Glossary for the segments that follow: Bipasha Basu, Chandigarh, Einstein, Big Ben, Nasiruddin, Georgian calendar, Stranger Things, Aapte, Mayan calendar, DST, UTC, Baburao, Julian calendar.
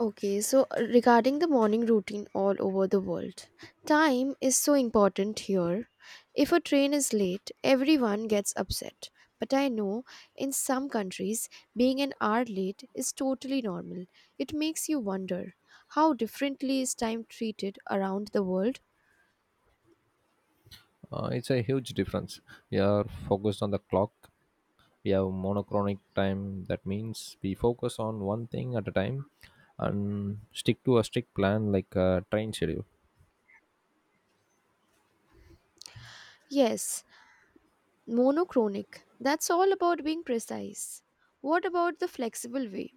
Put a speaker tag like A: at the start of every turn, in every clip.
A: Okay, regarding the morning routine all over the world, time is so important here. If a train is late, everyone gets upset. But I know in some countries, being an hour late is totally normal. It makes you wonder how differently is time treated around the world?
B: It's a huge difference. We are focused on the clock. We have monochronic time. That means we focus on one thing at a time and stick to a strict plan like a train schedule.
A: Yes, monochronic. That's all about being precise. What about the flexible way?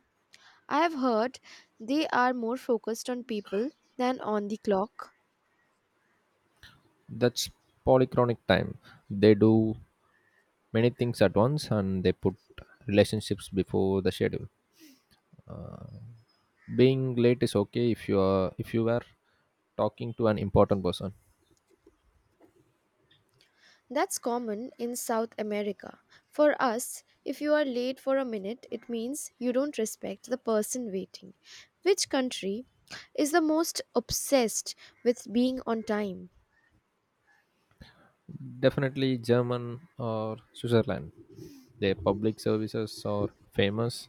A: I have heard they are more focused on people than on the clock.
B: That's polychronic time. They do many things at once and they put relationships before the schedule. Being late is okay if you were talking to an important person.
A: That's common in South America. For us, if you are late for a minute, it means you don't respect the person waiting. Which country is the most obsessed with being on time?
B: Definitely German or Switzerland. Their public services are famous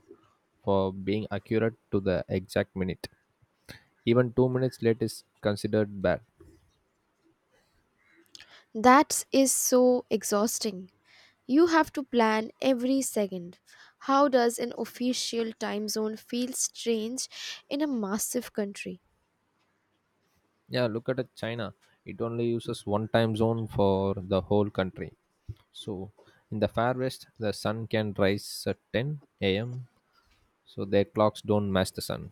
B: for being accurate to the exact minute. Even 2 minutes late is considered bad.
A: That is so exhausting. You have to plan every second. How does an official time zone feel strange in a massive country?
B: Yeah, look at China. It only uses one time zone for the whole country. So in the far west, the sun can rise at 10 a.m. So their clocks don't match the sun.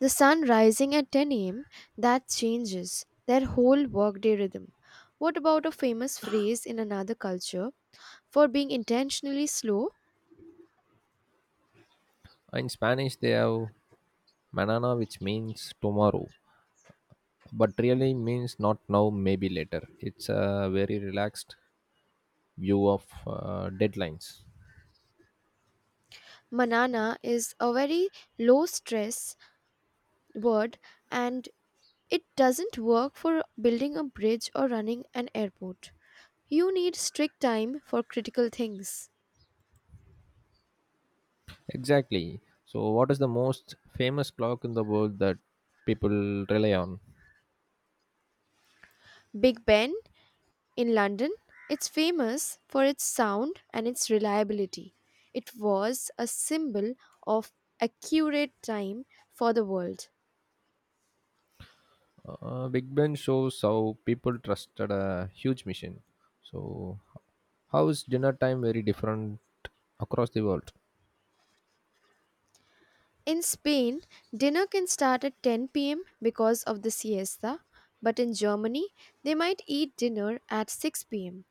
A: The sun rising at 10 a.m., that changes their whole workday rhythm. What about a famous phrase in another culture for being intentionally slow?
B: In Spanish, they have manana, which means tomorrow, but really means not now, maybe later. It's a very relaxed view of deadlines.
A: Manana is a very low stress word, and it doesn't work for building a bridge or running an airport. You need strict time for critical things.
B: Exactly. So, what is the most famous clock in the world that people rely on?
A: Big Ben in London, it's famous for its sound and its reliability. It was a symbol of accurate time for the world.
B: Big Ben shows how people trusted a huge machine. So, how is dinner time very different across the world?
A: In Spain, dinner can start at 10 p.m. because of the siesta, but in Germany, they might eat dinner at 6 pm.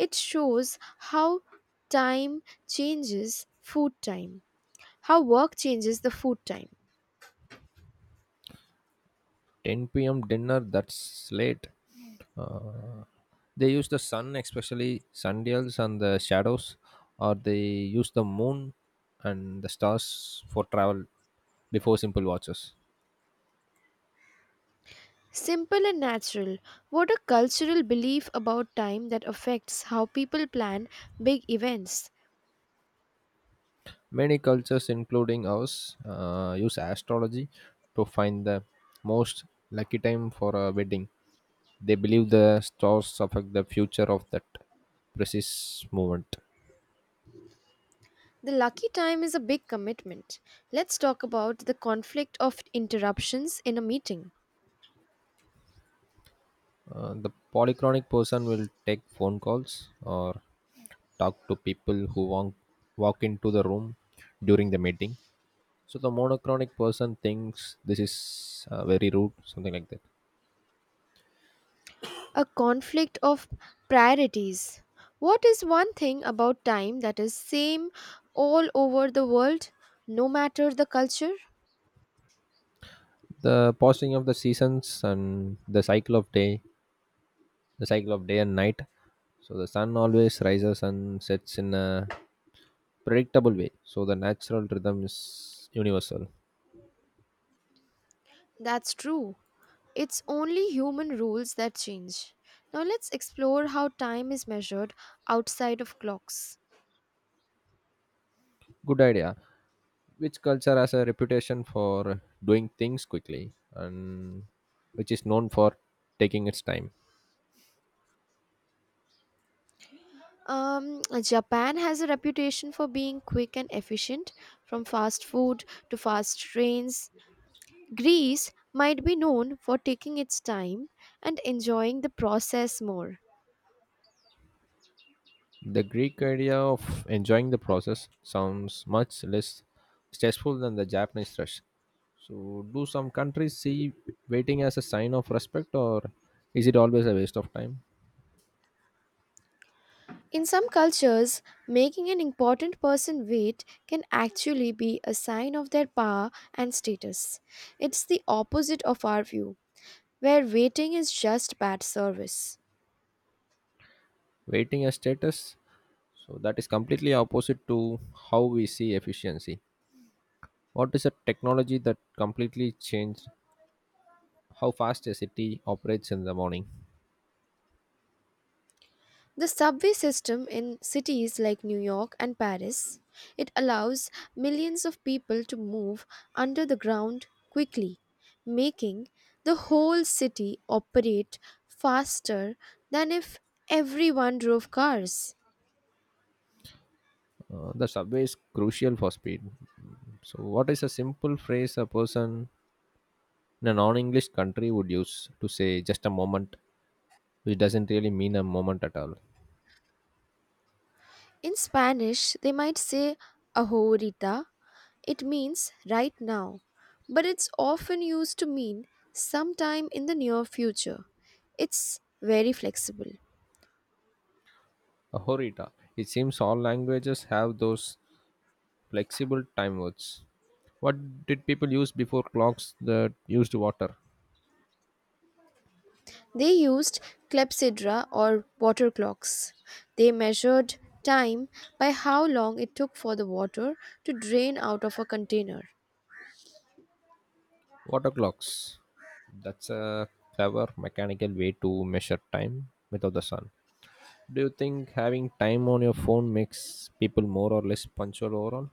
A: It shows how time changes food time, how work changes the food time.
B: 10 p.m. dinner, that's late. Uh, they use the sun, especially sundials and the shadows, or they use the moon and the stars for travel before simple watches.
A: Simple and natural. What a cultural belief about time that affects how people plan big events.
B: Many cultures, including ours, use astrology to find the most lucky time for a wedding. They believe the stars affect the future of that precise moment.
A: The lucky time is a big commitment. Let's talk about the conflict of interruptions in a meeting.
B: The polychronic person will take phone calls or talk to people who walk into the room during the meeting. So the monochronic person thinks this is very rude, something like that.
A: A conflict of priorities. What is one thing about time that is same all over the world no matter the culture?
B: The passing of the seasons and the cycle of day and night. So the sun always rises and sets in a predictable way. So the natural rhythm is universal.
A: That's true. It's only human rules that change. Now let's explore how time is measured outside of clocks.
B: Good idea. Which culture has a reputation for doing things quickly and which is known for taking its time?
A: Japan has a reputation for being quick and efficient, from fast food to fast trains. Greece might be known for taking its time and enjoying the process more.
B: The Greek idea of enjoying the process sounds much less stressful than the Japanese rush. So, do some countries see waiting as a sign of respect, or is it always a waste of time?
A: In some cultures, making an important person wait can actually be a sign of their power and status. It's the opposite of our view, where waiting is just bad service.
B: Waiting as status. So that is completely opposite to how we see efficiency. What is a technology that completely changed how fast a city operates in the morning?
A: The subway system in cities like New York and Paris, it allows millions of people to move under the ground quickly, making the whole city operate faster than if everyone drove cars.
B: The subway is crucial for speed. So, what is a simple phrase a person in a non English country would use to say just a moment, which doesn't really mean a moment at all?
A: In Spanish, they might say ahorita. It means right now, but it's often used to mean sometime in the near future. It's very flexible.
B: Ahorita. It seems all languages have those flexible time words. What did people use before clocks that used water?
A: They used clepsydra or water clocks. They measured time by how long it took for the water to drain out of a container.
B: Water clocks. That's a clever mechanical way to measure time without the sun. Do you think having time on your phone makes people more or less punctual overall?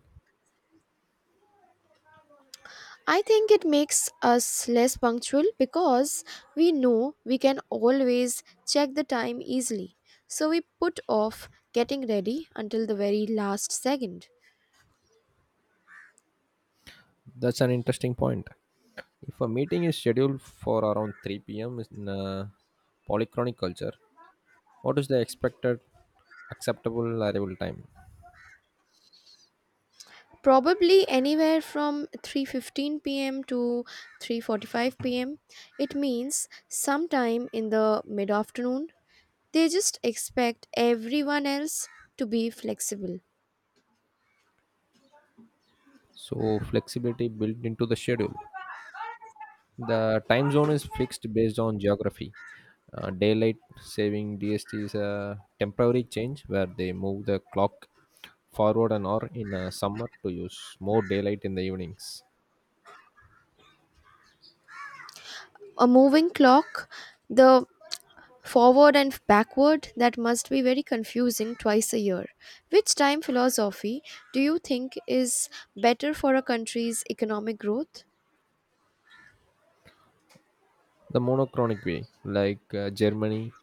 A: I think it makes us less punctual because we know we can always check the time easily. So we put off getting ready until the very last second.
B: That's an interesting point. If a meeting is scheduled for around 3 p.m. in a polychronic culture, what is the expected acceptable arrival time?
A: Probably anywhere from 3:15 p.m. to 3:45 p.m. It means sometime in the mid-afternoon. They just expect everyone else to be flexible.
B: So, flexibility built into the schedule. The time zone is fixed based on geography. Daylight saving DST is a temporary change where they move the clock forward an hour in summer to use more daylight in the evenings.
A: A moving clock, the forward and backward, that must be very confusing twice a year. Which time philosophy do you think is better for a country's economic growth?
B: The monochronic way, like Germany,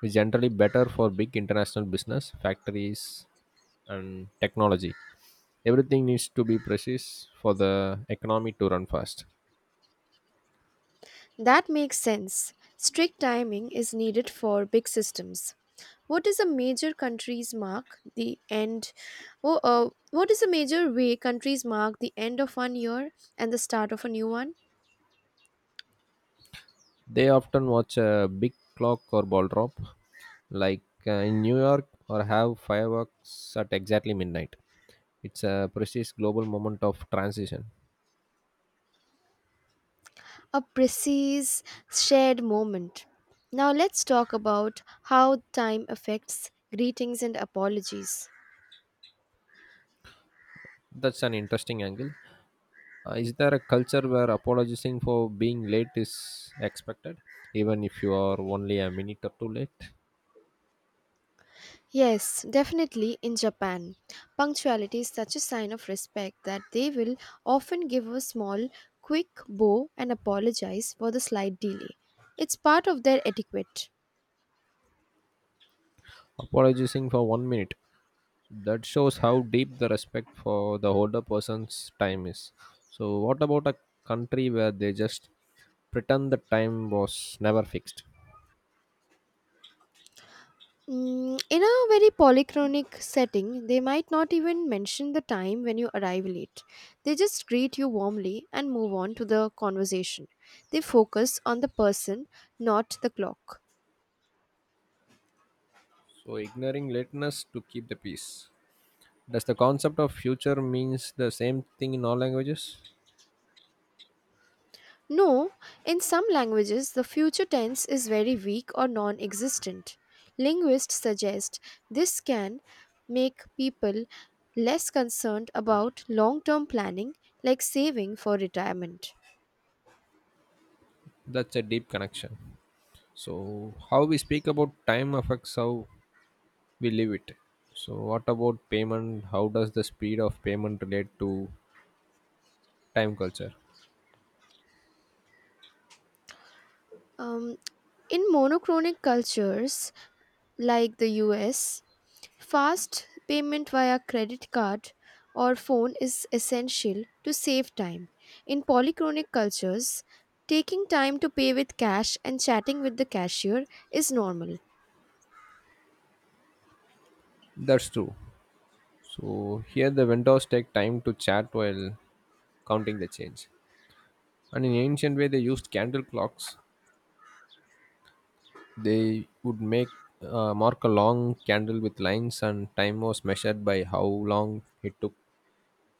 B: is generally better for big international business, factories, and technology. Everything needs to be precise for the economy to run fast.
A: That makes sense. Strict timing is needed for big systems. What is a major country's mark the end oh, what is a major way countries mark the end of 1 year and the start of a new one?
B: They often watch a big clock or ball drop, like in New York, or have fireworks at exactly midnight. It's a precise global moment of transition.
A: A precise shared moment. Now let's talk about how time affects greetings and apologies.
B: That's an interesting angle. Is there a culture where apologizing for being late is expected, even if you are only a minute or two late?
A: Yes, definitely in Japan. Punctuality is such a sign of respect that they will often give a small, quick bow and apologize for the slight delay. It's part of their etiquette.
B: Apologizing for 1 minute. That shows how deep the respect for the older person's time is. So, what about a country where they just pretend the time was never fixed?
A: Mm, in a very polychronic setting, they might not even mention the time when you arrive late. They just greet you warmly and move on to the conversation. They focus on the person, not the clock.
B: So, ignoring lateness to keep the peace. Does the concept of future means the same thing in all languages?
A: No, in some languages, the future tense is very weak or non existent. Linguists suggest this can make people less concerned about long term planning, like saving for retirement.
B: That's a deep connection. So, how we speak about time affects how we live it. So, what about payment? How does the speed of payment relate to time culture?
A: Um, in monochronic cultures like the US, fast payment via credit card or phone is essential to save time. In polychronic cultures, taking time to pay with cash and chatting with the cashier is normal.
B: That's true. So here the vendors take time to chat while counting the change. And in ancient way, they used candle clocks. They would make mark a long candle with lines, and time was measured by how long it took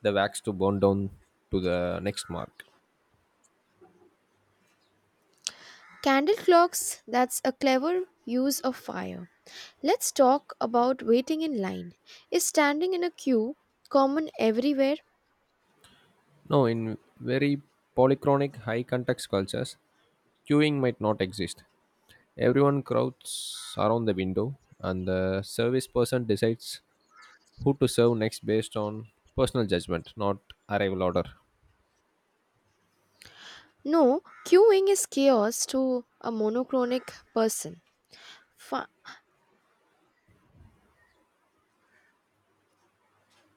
B: the wax to burn down to the next mark.
A: Candle clocks, that's a clever use of fire. Let's talk about waiting in line. Is standing in a queue common everywhere?
B: No, in very polychronic, high context cultures, queuing might not exist. Everyone crowds around the window, and the service person decides who to serve next based on personal judgment, not arrival order.
A: No, queuing is chaos to a monochronic person. Fi-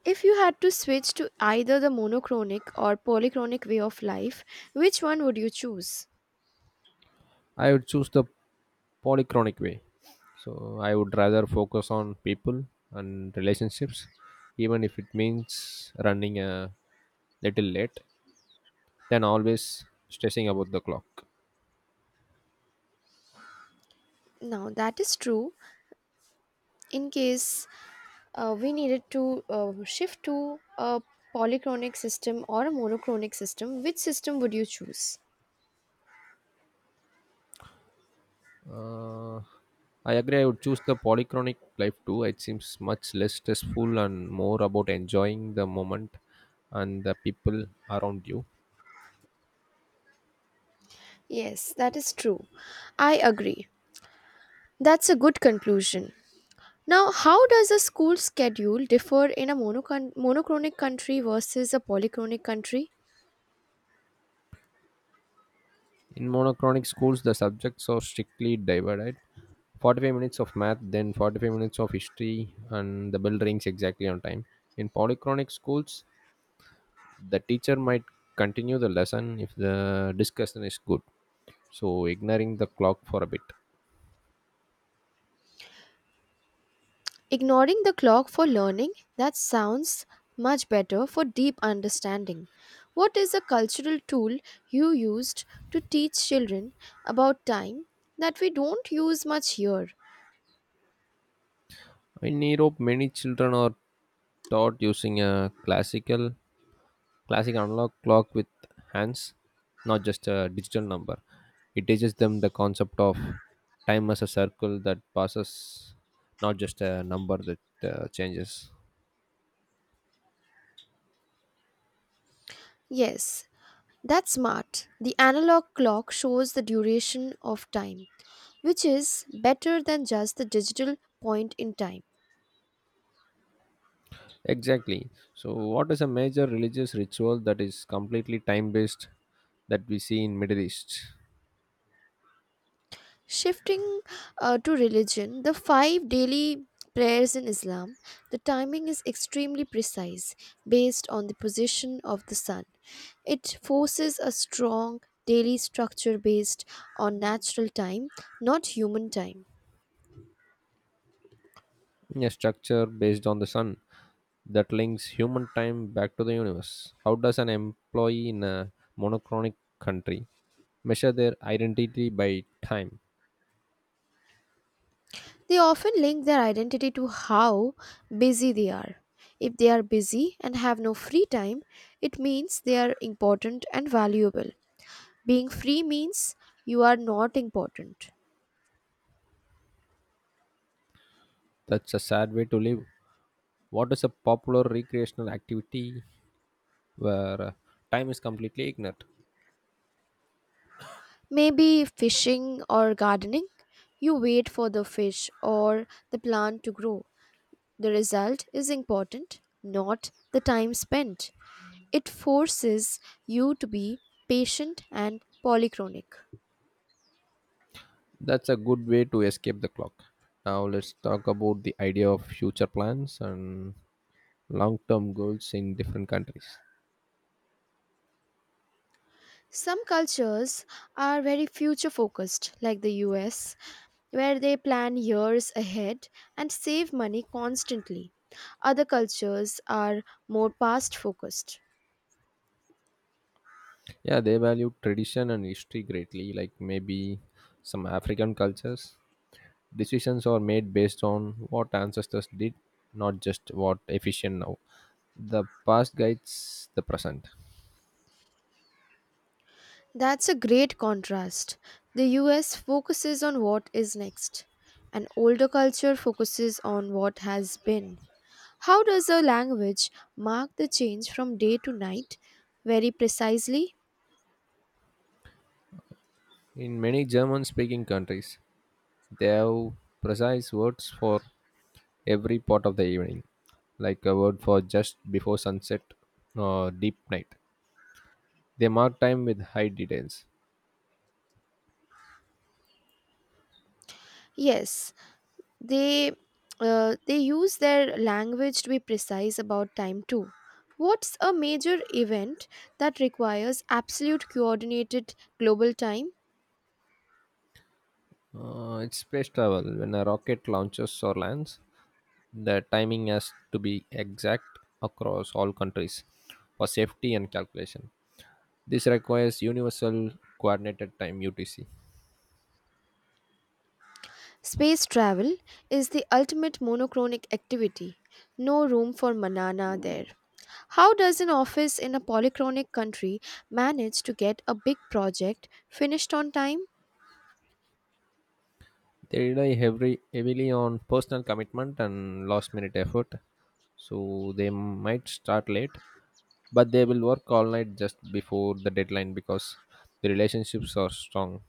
A: If you had to switch to either the monochronic or polychronic way of life, which one would you choose?
B: I would choose the polychronic way. So I would rather focus on people and relationships, even if it means running a little late, than always stressing about the clock.
A: Now, that is true. In case we needed to shift to a polychronic system or a monochronic system, which system would you choose?
B: Uh, I agree. I would choose the polychronic life too. It seems much less stressful and more about enjoying the moment and the people around you.
A: Yes, that is true. I agree. That's a good conclusion. Now, how does a school schedule differ in a monochronic country versus a polychronic country?
B: In monochronic schools, the subjects are strictly divided 45 minutes of math, then 45 minutes of history, and the bell rings exactly on time. In polychronic schools, the teacher might continue the lesson if the discussion is good, so ignoring the clock for a bit.
A: Ignoring the clock for learning, that sounds much better for deep understanding. What is a cultural tool you used to teach children about time that we don't use much here?
B: In Europe, many children are taught using a classic analog clock with hands, not just a digital number. It teaches them the concept of time as a circle that passes, not just a number that changes.
A: Yes, that's smart. The analog clock shows the duration of time, which is better than just the digital point in time.
B: Exactly. So what is a major religious ritual that is completely time based that we see in Middle East?
A: Shifting to religion, the five daily prayers in Islam, the timing is extremely precise based on the position of the sun. It forces a strong daily structure based on natural time, not human time.
B: A structure based on the sun that links human time back to the universe. How does an employee in a monochronic country measure their identity by time?
A: They often link their identity to how busy they are. If they are busy and have no free time, it means they are important and valuable. Being free means you are not important.
B: That's a sad way to live. What is a popular recreational activity where time is completely ignored?
A: Maybe fishing or gardening. You wait for the fish or the plant to grow. The result is important, not the time spent. It forces you to be patient and polychronic.
B: That's a good way to escape the clock. Now let's talk about the idea of future plans and long-term goals in different countries.
A: Some cultures are very future focused, like the US, where they plan years ahead and save money constantly. Other cultures are more past focused.
B: Yeah, they value tradition and history greatly, like maybe some African cultures. Decisions are made based on what ancestors did, not just what efficient now. The past guides the present.
A: That's a great contrast. The US focuses on what is next, and older culture focuses on what has been. How does a language mark the change from day to night very precisely?
B: In many German speaking countries, they have precise words for every part of the evening, like a word for just before sunset or deep night. They mark time with high details.
A: Yes, they they use their language to be precise about time too. What's a major event that requires absolute coordinated global time?
B: It's space travel. When a rocket launches or lands, the timing has to be exact across all countries for safety and calculation. This requires universal coordinated time UTC.
A: Space travel is the ultimate monochronic activity. No room for banana there. How does an office in a polychronic country manage to get a big project finished on time?
B: They rely heavily, heavily on personal commitment and last minute effort. So they might start late, but they will work all night just before the deadline because the relationships are strong.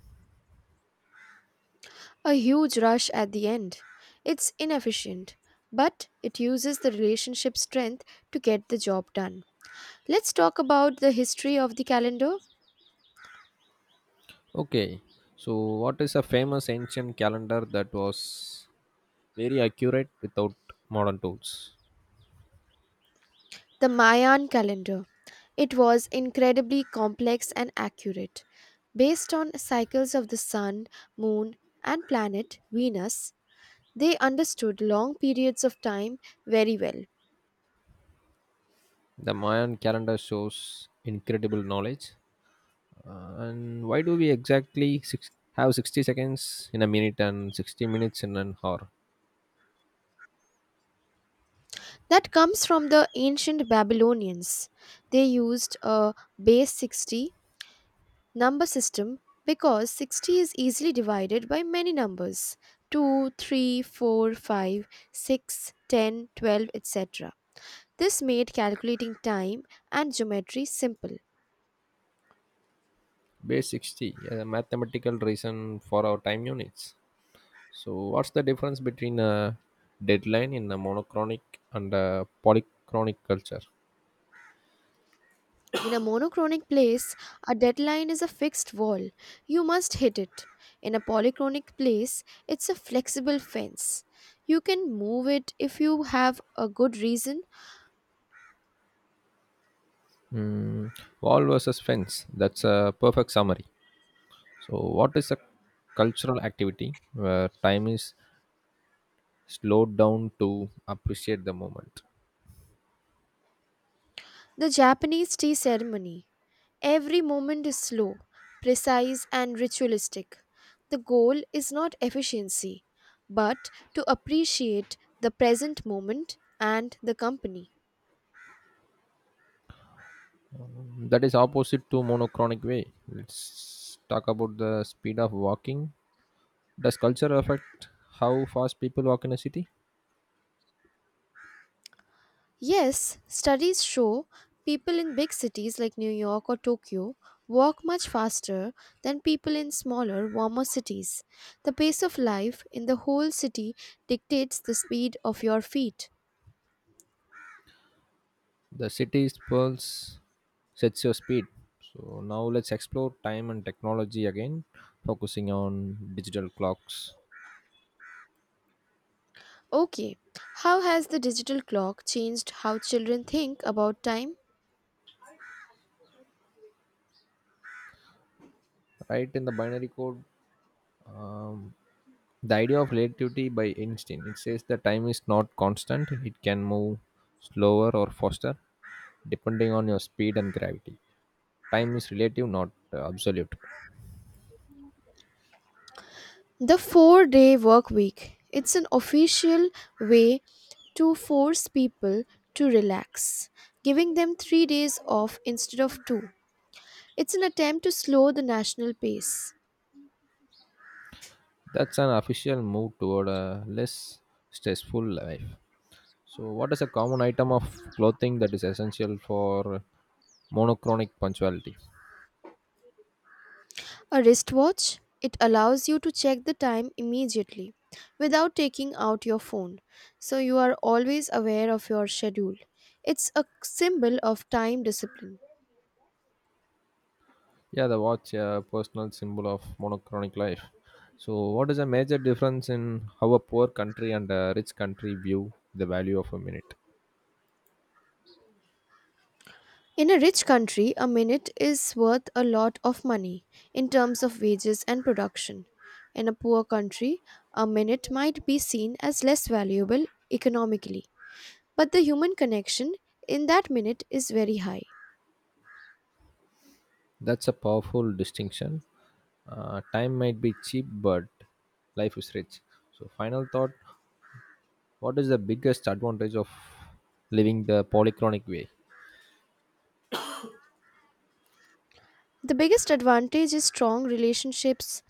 A: A huge rush at the end. It's inefficient, but it uses the relationship strength to get the job done. Let's talk about the history of the calendar.
B: Okay, so what is a famous ancient calendar that was very accurate without modern tools?
A: The Mayan calendar. It was incredibly complex and accurate. Based on cycles of the sun, moon, and planet Venus, they understood long periods of time very well.
B: The Mayan calendar shows incredible knowledge. And why do we have 60 seconds in a minute and 60 minutes in an hour?
A: That comes from the ancient Babylonians. They used a base 60 number system because 60 is easily divided by many numbers: two, three, four, five, six, ten, 12, 3, 4, etc. This made calculating time and geometry simple.
B: Base 60, a mathematical reason for our time units. So, what's the difference between a deadline in a monochronic and a polychronic culture?
A: In a monochronic place, a deadline is a fixed wall. You must hit it. In a polychronic place, it's a flexible fence. You can move it if you have a good reason.
B: Mm, wall versus fence. That's a perfect summary. So, what is a cultural activity where time is slowed down to appreciate the moment?
A: The Japanese tea ceremony. Every moment is slow, precise, and ritualistic. The goal is not efficiency, but to appreciate the present moment and the company.
B: That is opposite to monochronic way. Let's talk about the speed of walking. Does culture affect how fast people walk in a city?
A: Yes, studies show people in big cities like New York or Tokyo walk much faster than people in smaller, warmer cities. The pace of life in the whole city dictates the speed of your feet.
B: The city's pulse sets your speed. So now let's explore time and technology again, focusing on digital clocks.
A: Okay, how has the digital clock changed how children think about time?
B: Right in the binary code, um, the idea of relativity by Einstein. It says that time is not constant; it can move slower or faster, depending on your speed and gravity. Time is relative, not absolute.
A: The 4 day work week. It's an official way to force people to relax, giving them 3 days off instead of two. It's an attempt to slow the national pace.
B: That's an official move toward a less stressful life. So, what is a common item of clothing that is essential for monochronic punctuality?
A: A wristwatch, it allows you to check the time immediately without taking out your phone, so you are always aware of your schedule. It's a symbol of time discipline.
B: Yeah, the watch, a personal symbol of monochronic life. So, what is a major difference in how a poor country and a rich country view the value of a minute?
A: In a rich country, a minute is worth a lot of money in terms of wages and production. In a poor country, a minute might be seen as less valuable economically, but the human connection in that minute is very high.
B: That's a powerful distinction. Time might be cheap, but life is rich. So, final thought, what is the biggest advantage of living the polychronic way?
A: The biggest advantage is strong relationships.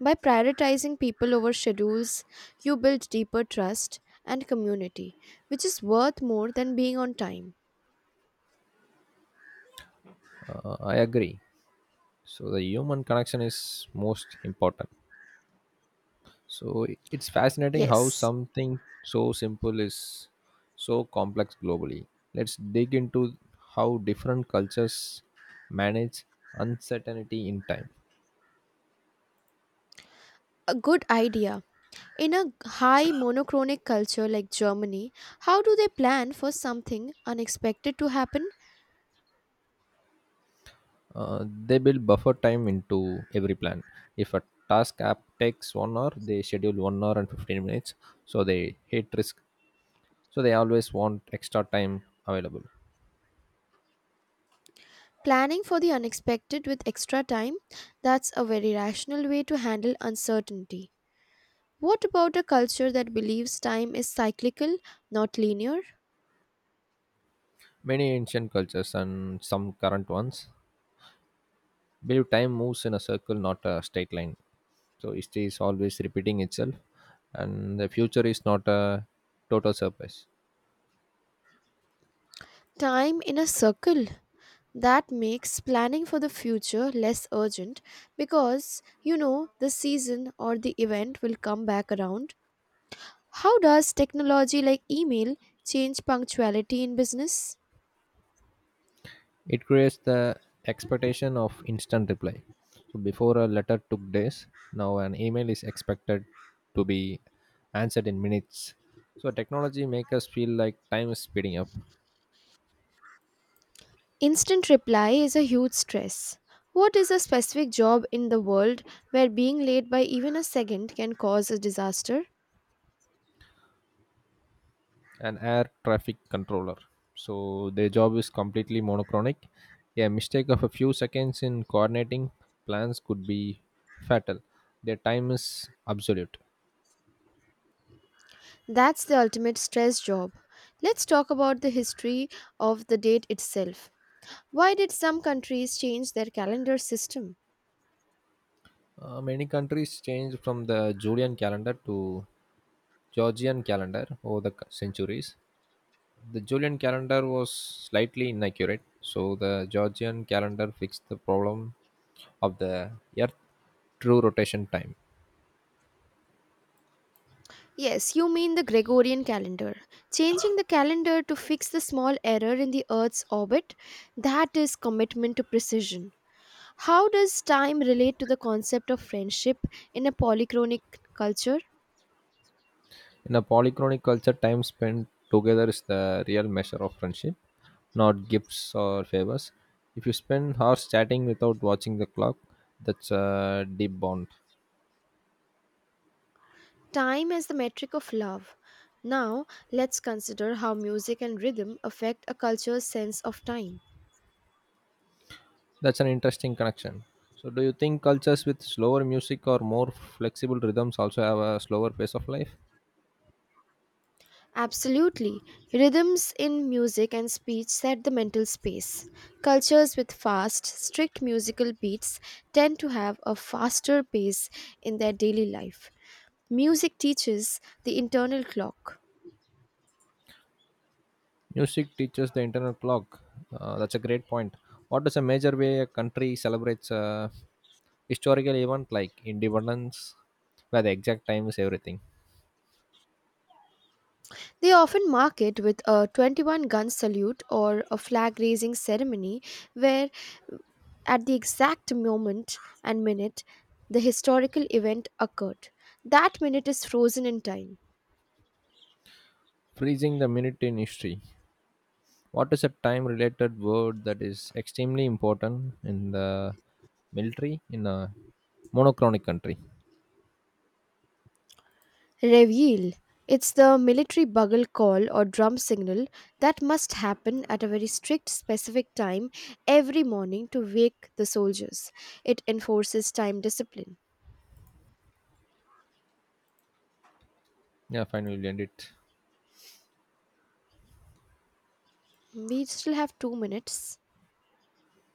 A: By prioritizing people over schedules, you build deeper trust and community, which is worth more than being on time.
B: I agree. So the human connection is most important. So it's fascinating how
A: Yes,
B: something so simple is so complex globally. Let's dig into how different cultures manage uncertainty in time.
A: a good idea. In a high monochronic culture like Germany, how do they plan for something unexpected to happen?
B: Uh, they build buffer time into every plan. If a task app takes 1 hour, they schedule 1 hour and 15 minutes, so they hate risk, so they always want extra time available.
A: Planning for the unexpected with extra time? That's a very rational way to handle uncertainty. What about a culture that believes time is cyclical, not linear?
B: Many ancient cultures and some current ones believe time moves in a circle, not a straight line, so history is always repeating itself and the future is not a total surprise.
A: Time in a circle, that makes planning for the future less urgent because you know the season or the event will come back around. How does technology like email change punctuality in business?
B: It creates the expectation of instant reply. So before, a letter took days. Now an email is expected to be answered in minutes. So technology makes us feel like time is speeding up.
A: Instant reply is a huge stress. What is a specific job in the world where being late by even a second can cause a disaster?
B: An air traffic controller. So their job is completely monochronic. A mistake of a few seconds in coordinating plans could be fatal. Their time is absolute.
A: That's the ultimate stress job. Let's talk about the history of the date itself. Why did some countries change their calendar system?
B: Many countries changed from the Julian calendar to Georgian calendar over the centuries. The Julian calendar was slightly inaccurate, so the Georgian calendar fixed the problem of the Earth true rotation time.
A: Yes, you mean the Gregorian calendar. Changing the calendar to fix the small error in the Earth's orbit, that is commitment to precision. How does time relate to the concept of friendship in a polychronic culture?
B: In a polychronic culture, time spent together is the real measure of friendship, not gifts or favors. If you spend hours chatting without watching the clock, that's a deep bond.
A: Time as the metric of love. Now, let's consider how music and rhythm affect a culture's sense of time.
B: That's an interesting connection. So, do you think cultures with slower music or more flexible rhythms also have a slower pace of life?
A: Absolutely. Rhythms in music and speech set the mental space. Cultures with fast, strict musical beats tend to have a faster pace in their daily life. Music teaches the internal clock.
B: Music teaches the internal clock. That's a great point. What is a major way a country celebrates a historical event like independence, where the exact time is everything?
A: They often mark it with a 21 gun salute or a flag raising ceremony where, at the exact moment and minute, the historical event occurred. That minute is frozen in time.
B: Freezing the minute in history. What is a time related word that is extremely important in the military in a monochronic country?
A: Reveille. It's the military bugle call or drum signal that must happen at a very strict, specific time every morning to wake the soldiers. It enforces time discipline.
B: Yeah, finally, we end it.
A: We still have 2 minutes.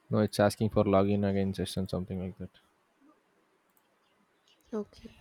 B: No, it's asking for login again session, something like that.
A: Okay.